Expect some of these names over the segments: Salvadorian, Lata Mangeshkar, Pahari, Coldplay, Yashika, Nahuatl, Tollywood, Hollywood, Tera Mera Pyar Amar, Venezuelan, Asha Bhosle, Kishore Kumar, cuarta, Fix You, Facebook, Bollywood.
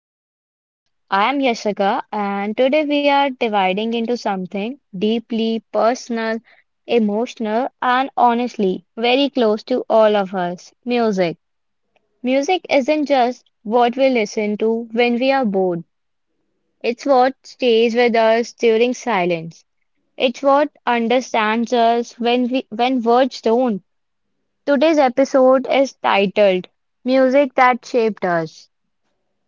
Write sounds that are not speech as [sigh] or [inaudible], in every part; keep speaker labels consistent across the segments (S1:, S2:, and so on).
S1: the podcast. I am Yashika, and today we are dividing into something deeply personal, emotional, and honestly very close to all of us music. Music isn't just what we listen to when we are bored, it's what stays with us during silence. It's what understands us when words don't. Today's episode is titled Music That Shaped Us.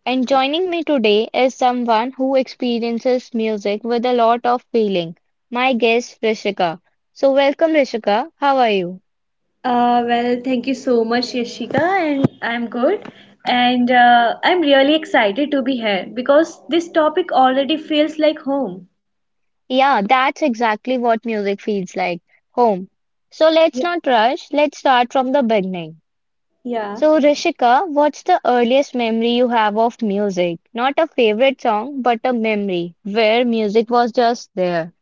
S1: And joining me today is someone who experiences music with a lot of feeling, my guest Rishika. So, welcome Rishika, how are you?
S2: Thank you so much, Yashika, and I'm good. And I'm really excited to be here because this topic already feels like home.
S1: Yeah, that's exactly what music feels like home. So, let's
S2: Yeah.
S1: not rush, let's start from the beginning.
S2: Yeah.
S1: So, Rishika, what's the earliest memory you have of music? Not a favorite song, but a memory where music was just there.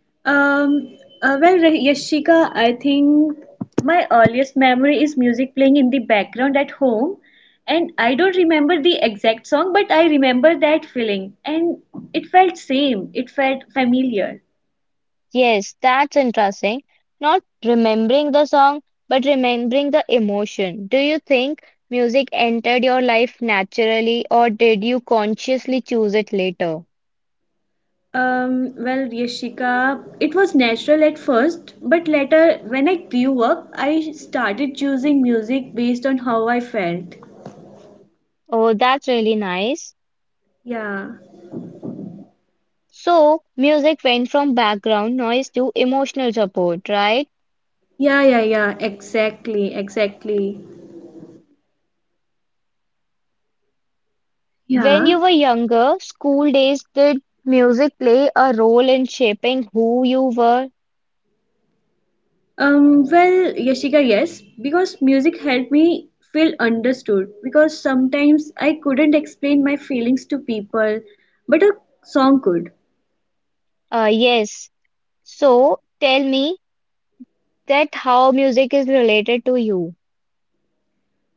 S2: Um, Yashika, I think my earliest memory is music playing in the background at home. And I don't remember the exact song, but I remember that feeling. And it felt same, it felt familiar.
S1: Yes, that's interesting. Not remembering the song, but remembering the emotion. Do you think music entered your life naturally, or did you consciously choose it later?
S2: Yashika, it was natural at first, but later, when I grew up, I started choosing music based on how I felt.
S1: Oh, that's really nice.
S2: Yeah,
S1: So, music went from background noise to emotional support, right?
S2: yeah, yeah, yeah, exactly, exactly. Yeah.
S1: When you were younger, school days, did music play a role in shaping who you were?
S2: Yashika, yes, because music helped me feel understood. Because sometimes I couldn't explain my feelings to people, but a song could.
S1: Yes. So, tell me that how music is related to you.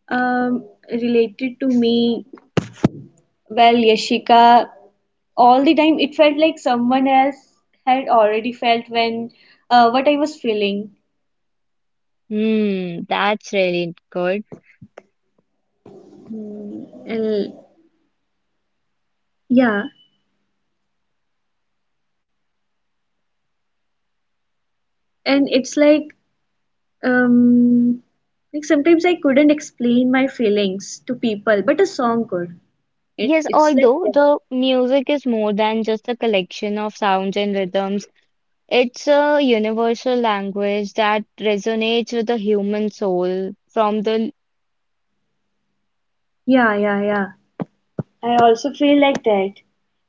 S2: Um, Related to me, well, Yashika, all the time it felt like someone else had already felt when what I was feeling.
S1: Hmm, that's really good.
S2: And yeah, and it's um like sometimes I couldn't explain my feelings to people, but a song could. It
S1: Yes,
S2: it's like
S1: although
S2: that.
S1: the music is more than just a collection of sounds and rhythms, it's a universal language that resonates with the human soul from the
S2: Yeah, yeah, yeah. I also feel like that.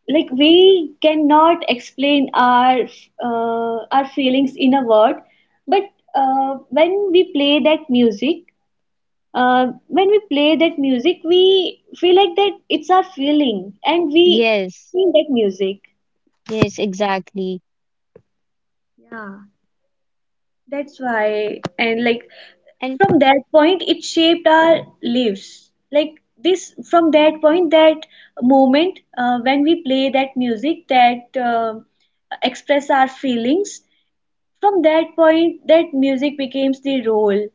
S2: Like we cannot explain our feelings in a word, but when we play that music, when we play that music we feel like that it's our feeling and we
S1: yes,
S2: feel that music,
S1: yes, exactly.
S2: yeah, that's why, and like
S1: And
S2: from that point it shaped our lives like this from that point that moment, when we play that music that express our feelings, from that point that music becomes the role,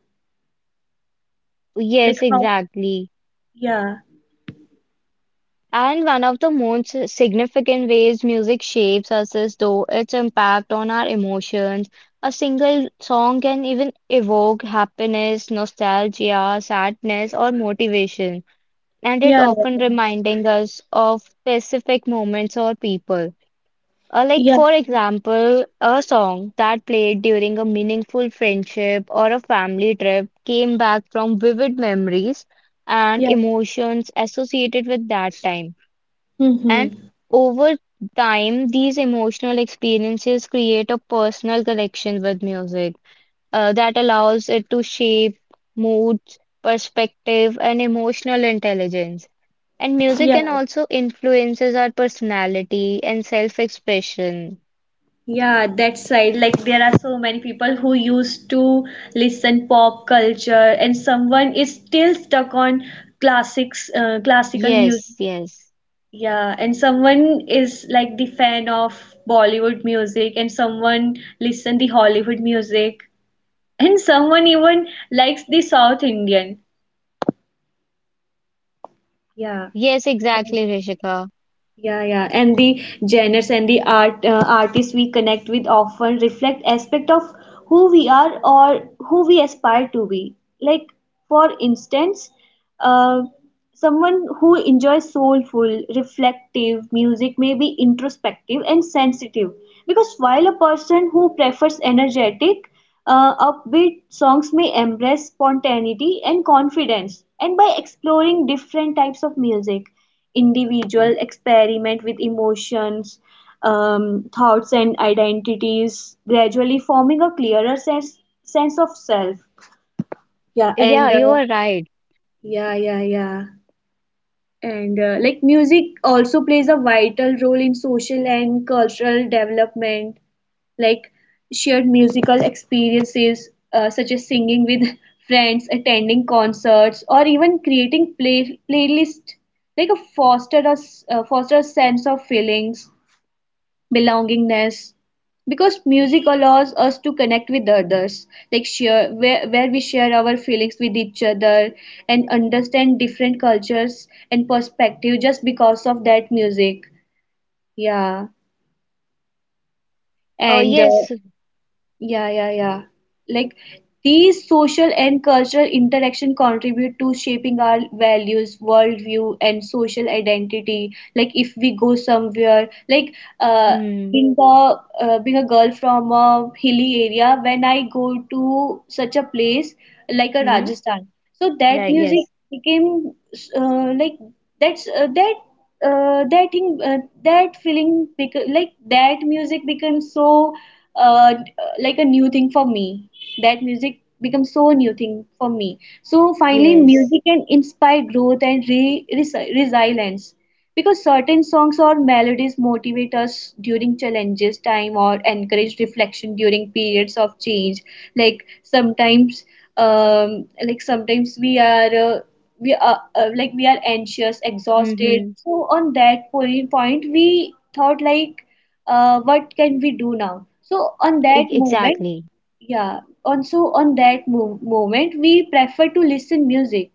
S2: like
S1: yes,
S2: how.
S1: exactly.
S2: Yeah,
S1: And one of the most significant ways music shapes us is through its impact on our emotions. A single song can even evoke happiness, nostalgia, sadness, or motivation, and it
S2: yeah,
S1: often reminding us of specific moments or people.
S2: yeah,
S1: For example, a song that played during a meaningful friendship or a family trip came back from vivid memories and
S2: yeah.
S1: emotions associated with that time. And
S2: Hmm,
S1: over time, these emotional experiences create a personal connection with music that allows it to shape moods, perspective, and emotional intelligence. And music
S2: yeah.
S1: can also influences our personality and self-expression.
S2: Yeah, that's right. Like there are so many people who used to listen pop culture, and someone is still stuck on classics, classical music.
S1: Yes, yes.
S2: Yeah, and someone is like the fan of Bollywood music, and someone listen the Hollywood music, and someone even likes the South Indian. Yeah.
S1: Yes, exactly, Rishika.
S2: Yeah, yeah, and the genres and the artists we connect with often reflect aspect of who we are or who we aspire to be. Like for instance, uh, someone who enjoys soulful, reflective music may be introspective and sensitive. Because while a person who prefers energetic, upbeat songs may embrace spontaneity and confidence. And by exploring different types of music. Individual experiment with emotions, thoughts, and identities, gradually forming a clearer sense of self. Yeah,
S1: Yeah,
S2: and
S1: you are right.
S2: yeah, yeah, yeah and Like music also plays a vital role in social and cultural development, like shared musical experiences such as singing with [laughs] friends, attending concerts, or even creating playlists, like a foster a sense of feelings, belongingness, because music allows us to connect with others, like where we share our feelings with each other and understand different cultures and perspective just because of that music, yeah.
S1: Oh,
S2: and
S1: yes.
S2: Yeah, yeah, yeah. Like these social and cultural interaction contribute to shaping our values, worldview, and social identity. Like if we go somewhere,
S1: Hmm.
S2: being a being a girl from a hilly area, when I go to such a place like a
S1: Hmm.
S2: Rajasthan, so that
S1: Right,
S2: music
S1: yes.
S2: became like that's that that thing, that feeling bec- like that music becomes so like a new thing for me, that music becomes so new thing for me. So finally
S1: Yes.
S2: music can inspire growth and resilience, because certain songs or melodies motivate us during challenges time or encourage reflection during periods of change. Like sometimes, like sometimes uh, we are like we are anxious, exhausted,
S1: Mm-hmm.
S2: so on that point we thought like what can we do now. So on
S1: E-,
S2: that moment,
S1: exactly.
S2: yeah, also on that moment we prefer to listen music,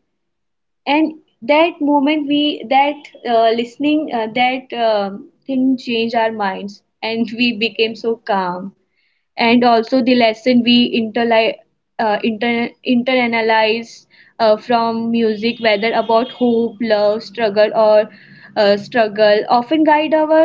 S2: and that moment we that listening that thing changed our minds and we became so calm. And also the lesson we internalize from music, whether about hope, love, struggle, or struggle, often guide our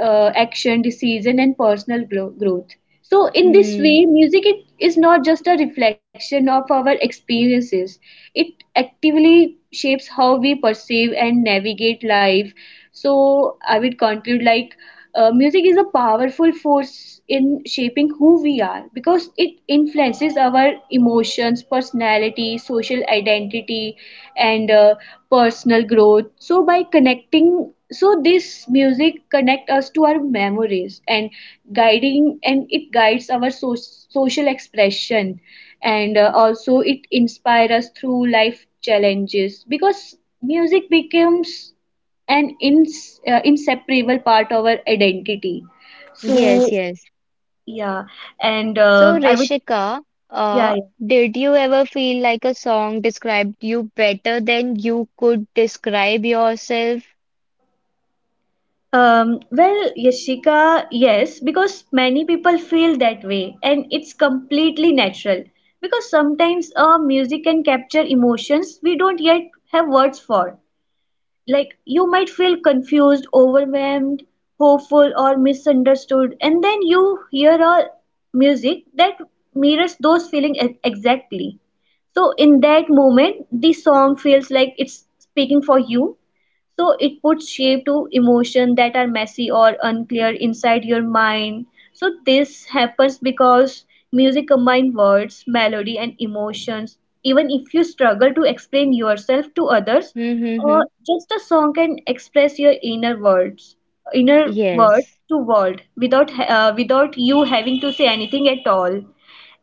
S2: action, decision, and personal growth. So, in this
S1: Hmm.
S2: way, music it is not just a reflection of our experiences, it actively shapes how we perceive and navigate life. So, I would conclude like music is a powerful force in shaping who we are because it influences our emotions, personality, social identity, and personal growth. So, by connecting so this music connect us to our memories and guiding and it guides our social expression, and also it inspires us through life challenges, because music becomes an inseparable part of our identity, so
S1: Yes, yes.
S2: yeah. and
S1: So,
S2: I would
S1: Rishika,
S2: yeah
S1: uh, did you ever feel like a song described you better than you could describe yourself?
S2: Yashika, yes, because many people feel that way, and it's completely natural. Because sometimes music can capture emotions we don't yet have words for. Like, you might feel confused, overwhelmed, hopeful, or misunderstood, and then you hear a music that mirrors those feelings exactly. So, in that moment, the song feels like it's speaking for you, so it puts shape to emotion that are messy or unclear inside your mind. So this happens because music combines words, melody, and emotions. Even if you struggle to explain yourself to others,
S1: Mm-hmm.
S2: just a song can express your inner words, inner word
S1: Yes,
S2: to world without without you having to say anything at all.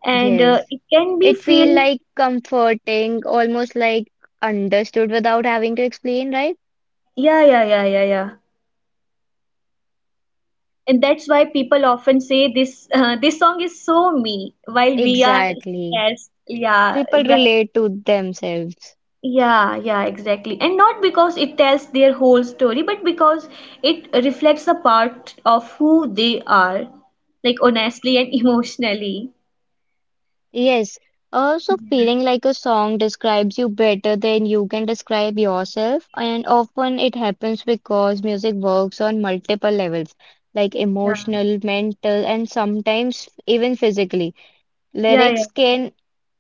S2: And
S1: yes.
S2: It can be
S1: It feel
S2: feel,
S1: like comforting, almost like understood without having to explain, right?
S2: yeah, yeah, yeah, yeah, yeah, and that's why people often say this this song is so me while we are,
S1: Exactly.
S2: yes, yeah.
S1: People
S2: Well,
S1: relate to themselves.
S2: yeah, yeah, exactly, and not because it tells their whole story but because it reflects a part of who they are, like honestly and emotionally.
S1: Yes, also feeling like a song describes you better than you can describe yourself, and often it happens because music works on multiple levels, like
S2: Yeah,
S1: emotional, mental, and sometimes even physically.
S2: yeah, yeah,
S1: Lyrics
S2: yeah.
S1: can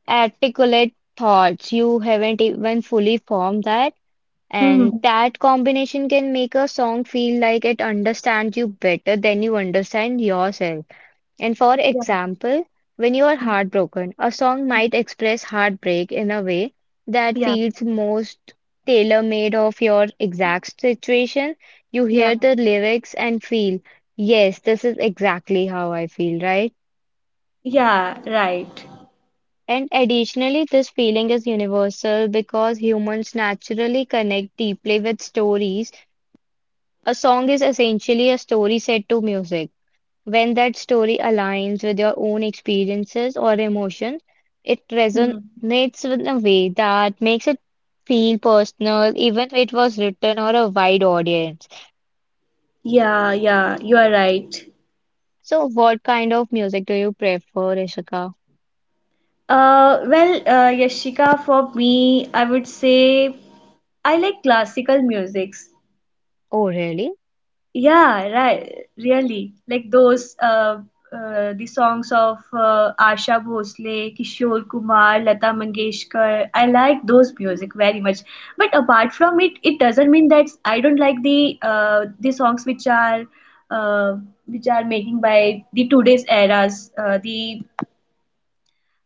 S1: articulate thoughts you haven't even fully formed that,
S2: Hmm.
S1: and
S2: Hmm.
S1: that combination can make a song feel like it understands you better than you understand yourself. And for
S2: Yeah.
S1: example, when you are heartbroken, a song might
S2: Mhm.
S1: express heartbreak in a way that
S2: Yeah,
S1: feels most tailor-made of your exact situation.
S2: yeah,
S1: You hear the lyrics and feel, yes, this is exactly how I feel, right?
S2: yeah, right.
S1: And additionally, this feeling is universal because humans naturally connect deeply with stories. A song is essentially a story set to music. When that story aligns with your own experiences or emotions, it
S2: Hmm.
S1: resonates in a way that makes it feel personal, even if it was written or a wide audience.
S2: Yeah, yeah, you are right.
S1: So, what kind of music do you prefer, Ishika?
S2: Yashika, for me, I would say I like classical musics.
S1: Oh, really?
S2: Yeah, right, really. Like those, the songs of Asha Bhosle, Kishore Kumar, Lata Mangeshkar. I like those music very much. But apart from it, it doesn't mean that I don't like the songs uh, which are making by the today's eras, uh, the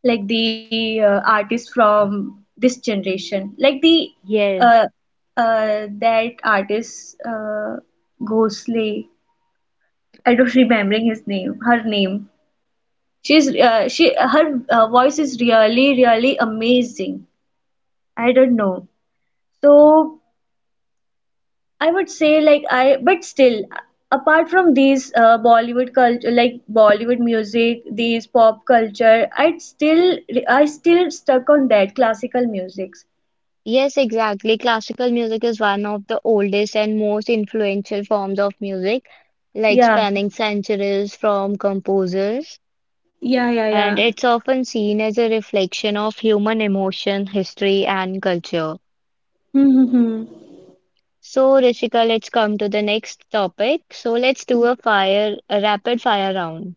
S2: like the artist from this generation, like the uh,
S1: Yes.
S2: that artist Ghosle. I don't remembering his name, her name. She, her voice is really really amazing, I don't know. So I would say like I but still, apart from these Bollywood culture, like Bollywood music, these pop culture, I still stuck on that classical music,
S1: Yes, exactly. Classical music is one of the oldest and most influential forms of music, like
S2: yeah.
S1: spanning centuries from composers.
S2: Yeah, yeah,
S1: And
S2: yeah.
S1: it's often seen as a reflection of human emotion, history, and culture.
S2: Mm-hmm.
S1: So, Rishika, let's come to the next topic. So, let's do a fire, a rapid fire round.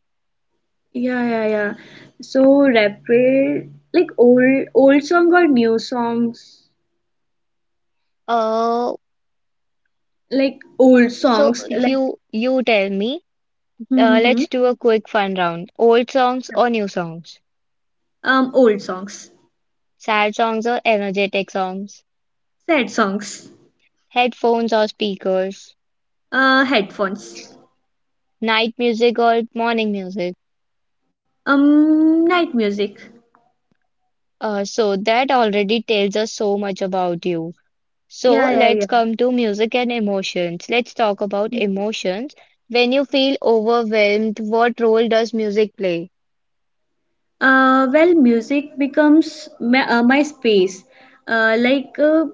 S2: Yeah, yeah, yeah. So rapper, like old song or new songs?
S1: Uh,
S2: Like old
S1: so
S2: songs, like,
S1: you you tell me. Let's
S2: mm-hmm.
S1: do a quick fun round. Old songs or new songs?
S2: Old songs.
S1: Sad songs or energetic songs?
S2: Sad songs.
S1: Headphones or speakers?
S2: Headphones.
S1: Night music or morning music?
S2: Night music.
S1: So that already tells us so much about you. So
S2: Yeah, yeah,
S1: let's come to music and emotions. Let's talk about
S2: yeah.
S1: emotions. When you feel overwhelmed, what role does music play?
S2: Music becomes my, my space. Uh, like uh,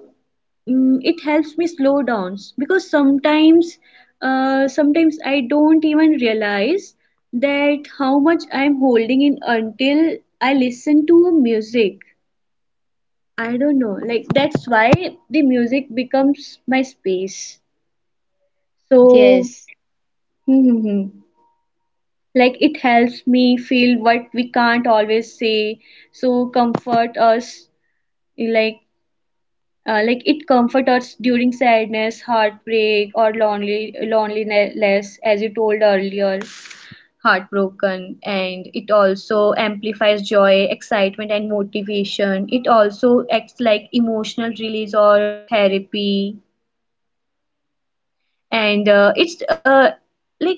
S2: it helps me slow down because sometimes, sometimes I don't even realize that how much I'm holding in until I listen to a music. I don't know, like that's why the music becomes my space, so.
S1: Yes,
S2: Hmm, hmm, hmm. Like it helps me feel what we can't always say, so comfort us, like, like it comforts us during sadness, heartbreak, or lonely loneliness, as you told earlier, heartbroken. And it also amplifies joy, excitement, and motivation. It also acts like emotional release or therapy. And it's Like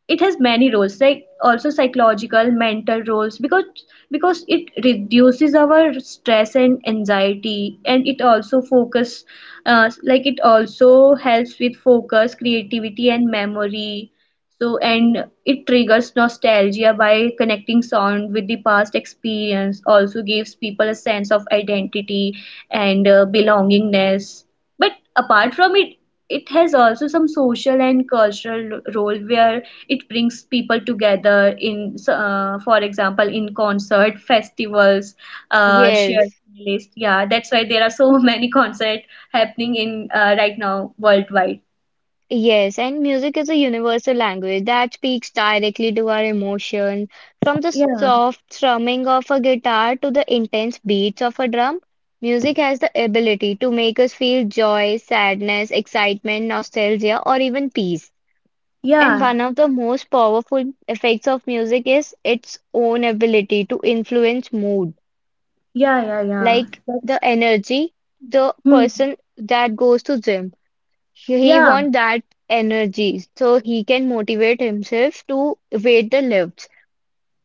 S2: it has many roles, like also psychological, mental roles, because it reduces our stress and anxiety, and it also focus, like it also helps with focus, creativity, and memory. So, and it triggers nostalgia by connecting sound with the past experience, also gives people a sense of identity and belongingness. But apart from it, it has also some social and cultural role where it brings people together in, for example, in concert festivals, uh, shared
S1: yes,
S2: playlist. Yeah, that's why there are so [laughs] many concert happening in, right now, worldwide.
S1: yes. And music is a universal language that speaks directly to our emotions. From the
S2: Yeah.
S1: soft strumming of a guitar to the intense beats of a drum, music has the ability to make us feel joy, sadness, excitement, nostalgia, or even peace. And
S2: Yeah,
S1: one of the most powerful effects of music is its own ability to influence mood,
S2: yeah, yeah, yeah,
S1: like
S2: that's.
S1: the energy, the
S2: Hmm.
S1: person that goes to gym. He
S2: Yeah,
S1: wants that energy, so he can motivate himself to weight the lifts.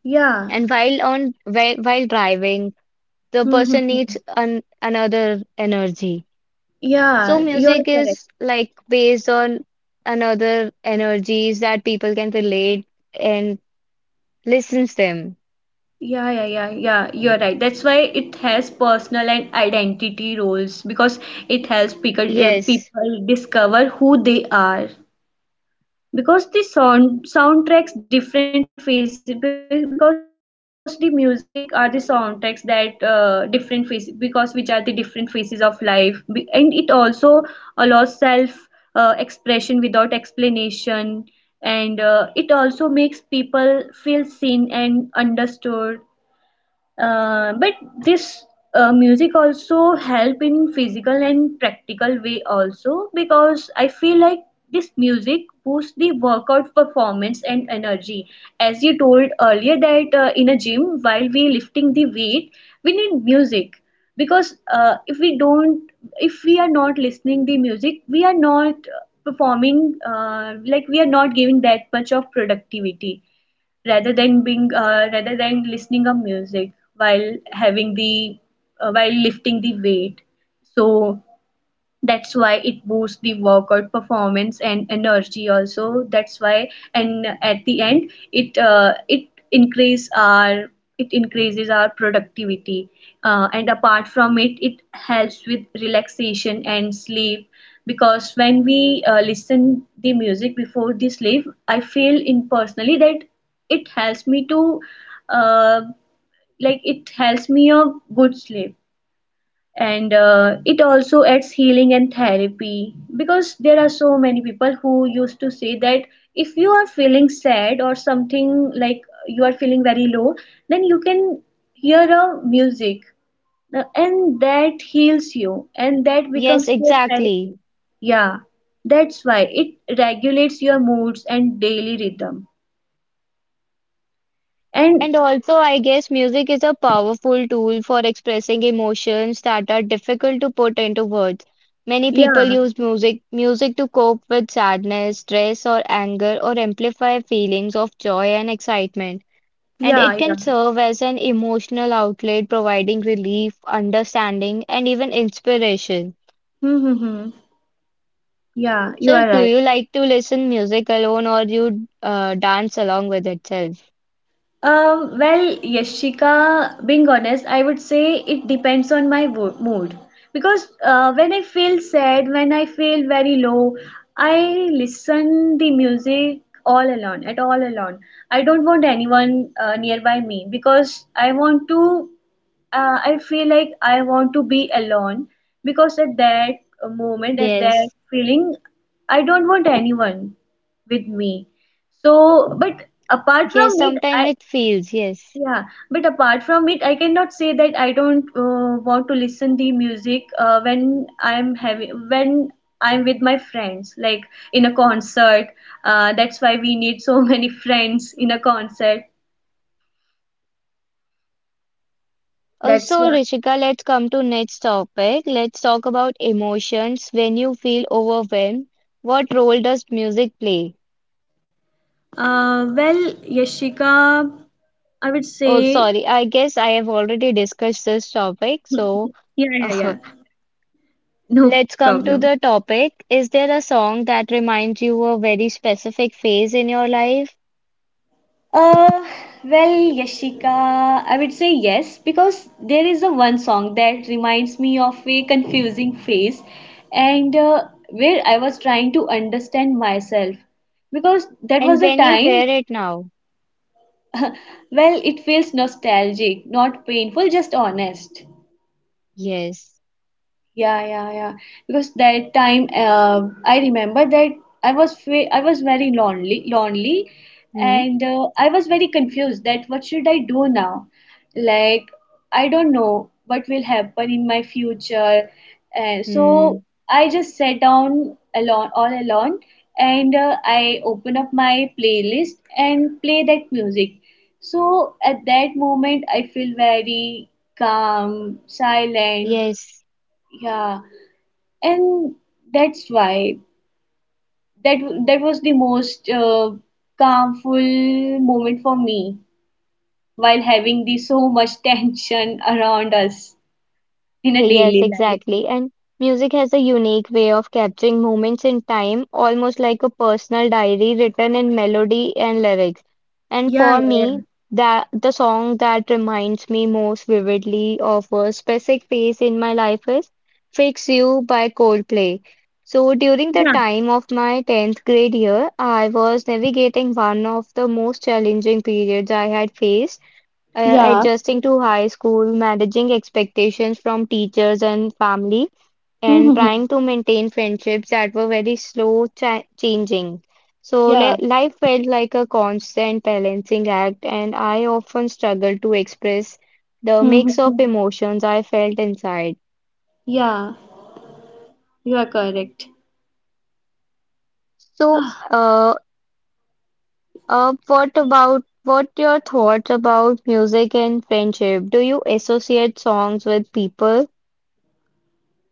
S2: yeah.
S1: And while driving, the
S2: Hmm, hmm,
S1: person
S2: hmm.
S1: needs another energy. So
S2: Yeah, you're
S1: music
S2: correct.
S1: is like based on another energies that people can relate and listens them.
S2: Yeah, yeah, yeah, yeah, you're right. That's why it has personal and identity roles because it helps people,
S1: Yes,
S2: people discover who they are. Because the sound soundtracks different phases be- because the music are the soundtracks that different phases because which are the different phases of life. And it also allows self expression without explanation, and it also makes people feel seen and understood. But this Music also help in physical and practical way also, because I feel like this music boosts the workout performance and energy, as you told earlier that, in a gym while we lifting the weight, we need music. Because if we don't, if we are not listening the music, we are not performing, like we are not giving that much of productivity, rather than listening a music while having the while lifting the weight. So that's why it boosts the workout performance and energy also. That's why, and at the end it increases our productivity. And apart from it, it helps with relaxation and sleep, because when we listen the music before the sleep, I feel in personally that it helps me to, uh, like it helps me a good sleep. And it also adds healing and therapy, because there are so many people who used to say that if you are feeling sad or something, like you are feeling very low, then you can hear a music, and that heals you and that
S1: yes,
S2: becomes your
S1: exactly.
S2: therapy. Yeah, that's why it regulates your moods and daily rhythm. And
S1: And also, I guess music is a powerful tool for expressing emotions that are difficult to put into words. Many people
S2: yeah,
S1: use music to cope with sadness, stress, or anger, or amplify feelings of joy and excitement. And
S2: yeah,
S1: it can
S2: yeah.
S1: serve as an emotional outlet, providing relief, understanding, and even inspiration.
S2: Mm-hmm. Yeah, you
S1: So,
S2: are
S1: do
S2: right.
S1: you like to listen music alone, or you dance along with itself?
S2: Well, Yashika, being honest, I would say it depends on my mood. Because when I feel sad, when I feel very low, I listen the music all alone, at all alone. I don't want anyone nearby me because I want to. I feel like I want to be alone, because at that moment, at that
S1: Yes.
S2: feeling, I don't want anyone with me. So, but apart from
S1: Yes,
S2: it,
S1: sometimes
S2: I,
S1: it feels, yes.
S2: yeah, but apart from it, I cannot say that I don't want to listen the music when I'm having when I'm with my friends, like in a concert. That's why we need so [laughs] many friends in a concert. That's why.
S1: Rishika, let's come to next topic. Let's talk about emotions. When you feel overwhelmed, what role does music play?
S2: Well, Yashika, I would
S1: Oh, sorry,
S2: say,
S1: I guess I have already discussed this topic. So,
S2: yeah, yeah,
S1: [laughs]
S2: yeah, no
S1: let's come to
S2: problem.
S1: the topic. Is there a song that reminds you of a very specific phase in your life?
S2: Uh, well, Yashika, I would say yes, because there is a one song that reminds me of a confusing phase, and where I was trying to understand myself, because that
S1: And
S2: was a
S1: when you
S2: time,
S1: hear it now?
S2: well, it feels nostalgic, not painful, just honest.
S1: Yes.
S2: Yeah, yeah, yeah. Because that time, I remember that I was very lonely, lonely,
S1: Hmm?
S2: and I was very confused that what should I do now? Like, I don't know what will happen in my future, so
S1: Hmm.
S2: I just sat down alone, all alone, and I open up my playlist and play that music. So at that moment, I feel very calm, silent.
S1: Yes.
S2: Yeah, and that's why that that was the most calmful moment for me, while having the so much [laughs] tension around us in a
S1: Hey yes,
S2: daily life.
S1: exactly. And music has a unique way of capturing moments in time, almost like a personal diary written in melody and lyrics. And
S2: Yeah,
S1: for me, that the song that reminds me most vividly of a specific phase in my life is Fix You by Coldplay. So during
S2: yeah,
S1: the time of my 10th grade year, I was navigating one of the most challenging periods I had faced
S2: yeah.
S1: adjusting to high school, managing expectations from teachers and family, and trying
S2: [laughs]
S1: to maintain friendships that were very slow cha changing. So li
S2: Yeah.
S1: life felt like a constant balancing act, and I often struggled to express the
S2: Hmm,
S1: mix
S2: hmm,
S1: of
S2: hmm.
S1: emotions I felt inside.
S2: Yeah, you are correct.
S1: So, uh, what about what your thoughts about music and friendship? Do you associate songs with people?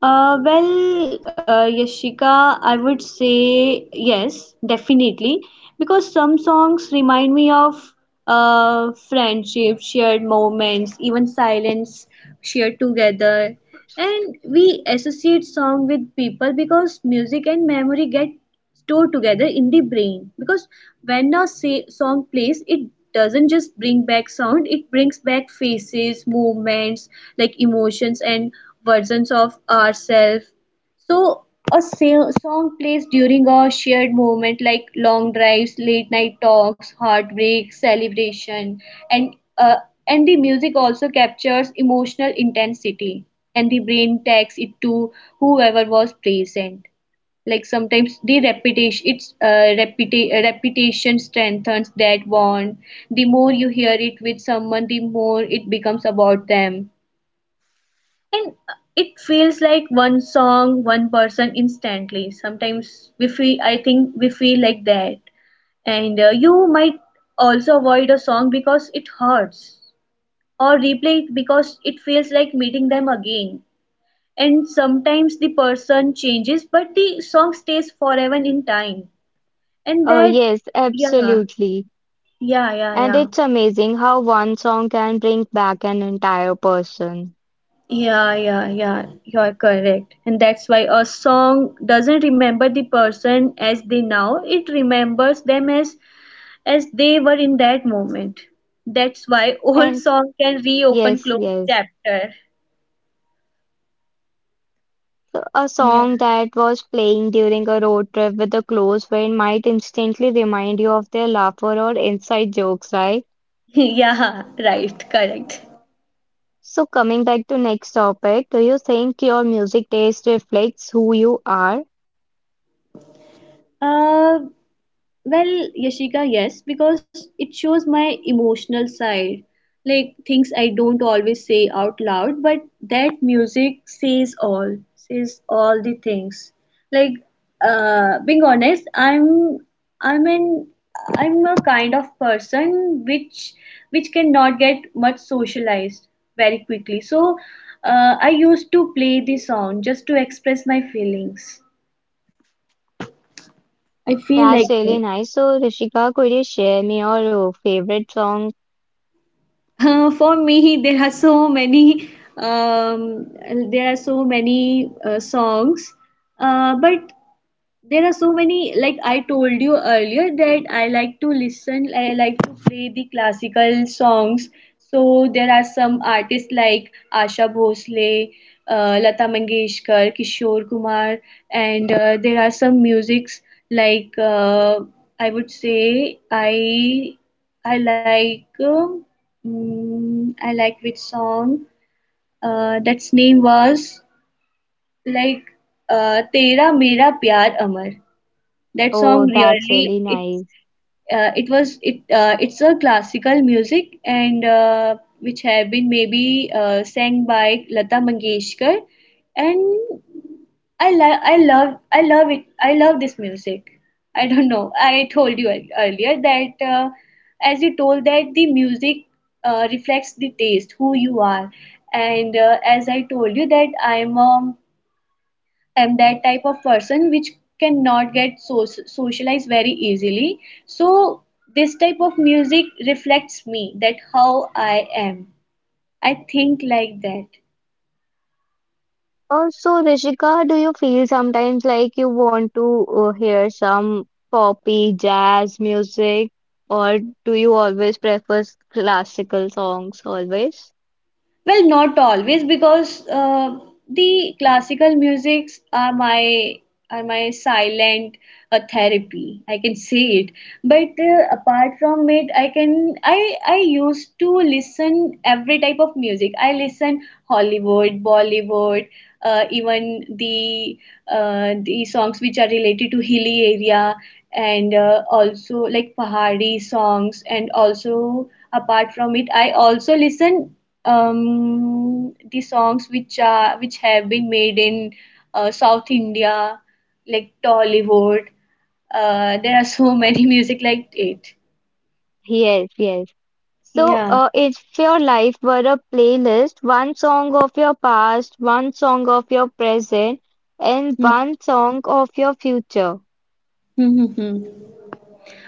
S2: Yashika, I would say yes, definitely, because some songs remind me of friendship, shared moments, even silence shared together. And we associate song with people, because music and memory get stored together in the brain, because when a say, song plays, it doesn't just bring back sound, it brings back faces, movements, like emotions and versions of ourselves. So song plays during a shared moment, like long drives, late night talks, heartbreak, celebration, and the music also captures emotional intensity, and the brain tags it to whoever was present. Like sometimes the repetition, repetition strengthens that bond. The more you hear it with someone, the more it becomes about them. And it feels like one song, one person, instantly. Sometimes we feel, I think we feel like that. And you might also avoid a song because it hurts, or replay it because it feels like meeting them again. And sometimes the person changes, but the song stays forever in time. And
S1: Uh,
S2: that,
S1: yes,
S2: yeah,
S1: absolutely.
S2: yeah, yeah,
S1: And
S2: yeah.
S1: it's amazing how one song can bring back an entire person.
S2: Yeah, yeah, yeah, you're correct. And that's why a song doesn't remember the person as they now, it remembers them as they were in that moment. That's why [laughs] old
S1: And
S2: song can reopen
S1: yes,
S2: closed
S1: yes.
S2: chapter.
S1: So a
S2: Yeah.
S1: song that was playing during a road trip with a close friend might instantly remind you of their laughter or inside jokes, right?
S2: [laughs] Yeah, right, correct.
S1: So coming back to next topic, do you think your music taste reflects who you are?
S2: Uh, Well, Yashika, yes, because it shows my emotional side, like things I don't always say out loud, but that music says all the things. Like, being honest, I'm an, I'm a kind of person which cannot get much socialized very quickly. So, I used to play the song just to express my feelings. I feel like
S1: That's
S2: that.
S1: really nice. So Rishika, could you share me your favorite song?
S2: For me, [laughs] there are so many, um, there are so many songs, but there are so many, like I told you earlier, that I like to play the classical songs. So there are some artists like Asha Bhosle, Lata Mangeshkar, Kishore Kumar. And there are some musics like, I would say I like, mm, I like which song, that's name was like, Tera Mera Pyar Amar. That
S1: Oh,
S2: song
S1: that's
S2: really,
S1: really
S2: it's
S1: nice.
S2: it was it it's a classical music, and which have been maybe sang by Lata Mangeshkar. And I love it, I love this music. I don't know. I told you earlier that, as you told that the music reflects the taste who you are. And as I told you that I'm a am that type of person which cannot socialized very easily. So this type of music reflects me that how I am. I think like that.
S1: Also, Rishika, do you feel sometimes like you want to hear some poppy jazz music, or do you always prefer classical songs always?
S2: Well, not always, because the classical musics are my silent therapy, I can say it. But apart from it, I can I used to listen every type of music. I listen Hollywood, Bollywood, even the songs which are related to hilly area, and also like Pahari songs. And also apart from it, I also listen, the songs which have been made in South India, like Tollywood. There are so many [laughs] music like it.
S1: Yes, yes. So,
S2: Yeah.
S1: if your life were a playlist, one song of your past, one song of your present, and
S2: Hmm,
S1: one song of your future.
S2: hmm, hmm, hmm.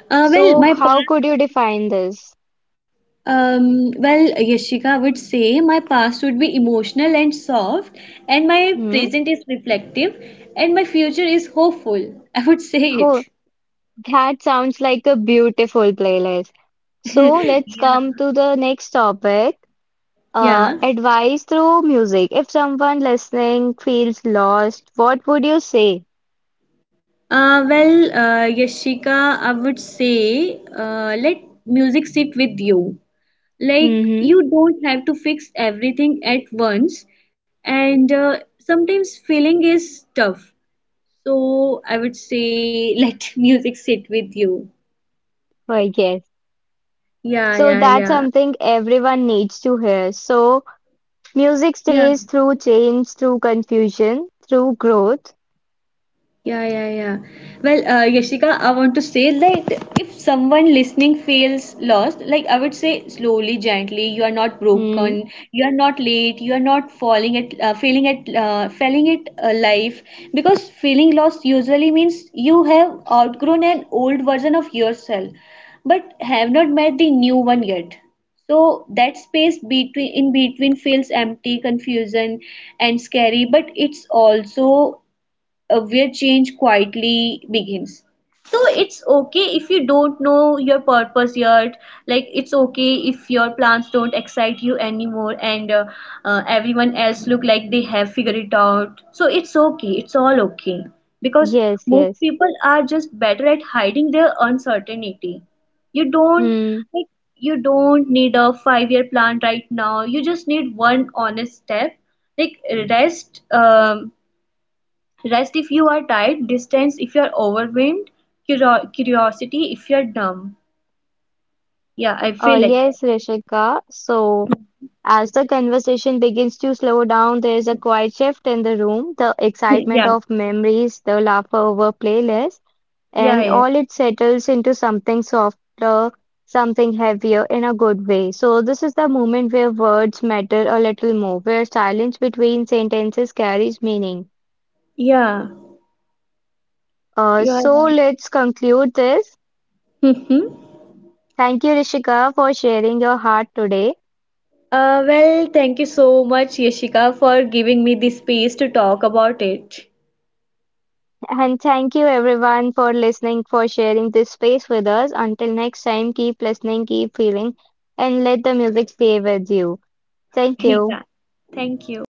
S2: Well,
S1: So,
S2: my
S1: how
S2: past,
S1: could you define this?
S2: well, Yashika, would say my past would be emotional and soft, and my
S1: Hmm?
S2: present is reflective, and my future is hopeful. [laughs] I would say it.
S1: That sounds like a beautiful playlist. So let's
S2: [laughs]
S1: come to the next topic.
S2: Yeah.
S1: Advice through music. If someone listening feels lost, what would you say?
S2: Yashika, I would say, let music sit with you. Like,
S1: Mm-hmm.
S2: you don't have to fix everything at once, and sometimes feeling is tough. So, I would say [laughs] let music sit with you.
S1: I guess.
S2: Yeah,
S1: So
S2: yeah,
S1: that's
S2: yeah.
S1: something everyone needs to hear. So music
S2: Yeah.
S1: stays through change, through confusion, through growth.
S2: Yeah, yeah, yeah. Well, Yashika, I want to say that if someone listening feels lost, like I would say slowly, gently, you are not
S1: Hmm.
S2: broken, you are not late, you are not falling at, failing at, failing at life. Because feeling lost usually means you have outgrown an old version of yourself, but have not met the new one yet. So that space between in between feels empty, confusion, and scary, but it's also where change quietly begins. So it's okay if you don't know your purpose yet. Like, it's okay if your plans don't excite you anymore, and everyone else look like they have figured it out. So it's okay, it's all okay, because
S1: Yes,
S2: most
S1: yes.
S2: people are just better at hiding their uncertainty. you don't
S1: Hmm.
S2: like you don't need a 5-year plan right now, you just need one honest step. Like, rest um, rest if you are tired, distance if you are overwhelmed, curiosity if you are dumb. Yeah, I
S1: Uh,
S2: feel like that.
S1: yes, Rishika. So, as the conversation begins to slow down, there is a quiet shift in the room, the excitement
S2: [laughs] Yeah,
S1: of memories, the laughter over playlists,
S2: yeah,
S1: and
S2: yeah.
S1: all it settles into something softer, something heavier in a good way. So, this is the moment where words matter a little more, where silence between sentences carries meaning.
S2: Yeah,
S1: Uh,
S2: you are
S1: so,
S2: right.
S1: let's conclude this.
S2: Mm-hmm.
S1: Thank you, Rishika, for sharing your heart today.
S2: Well, thank you so much, Yashika, for giving me the space to talk about it.
S1: And thank you everyone for listening, for sharing this space with us. Until next time, keep listening, keep feeling, and let the music stay with you. Thank
S2: [laughs]
S1: you.
S2: Yeah, thank you.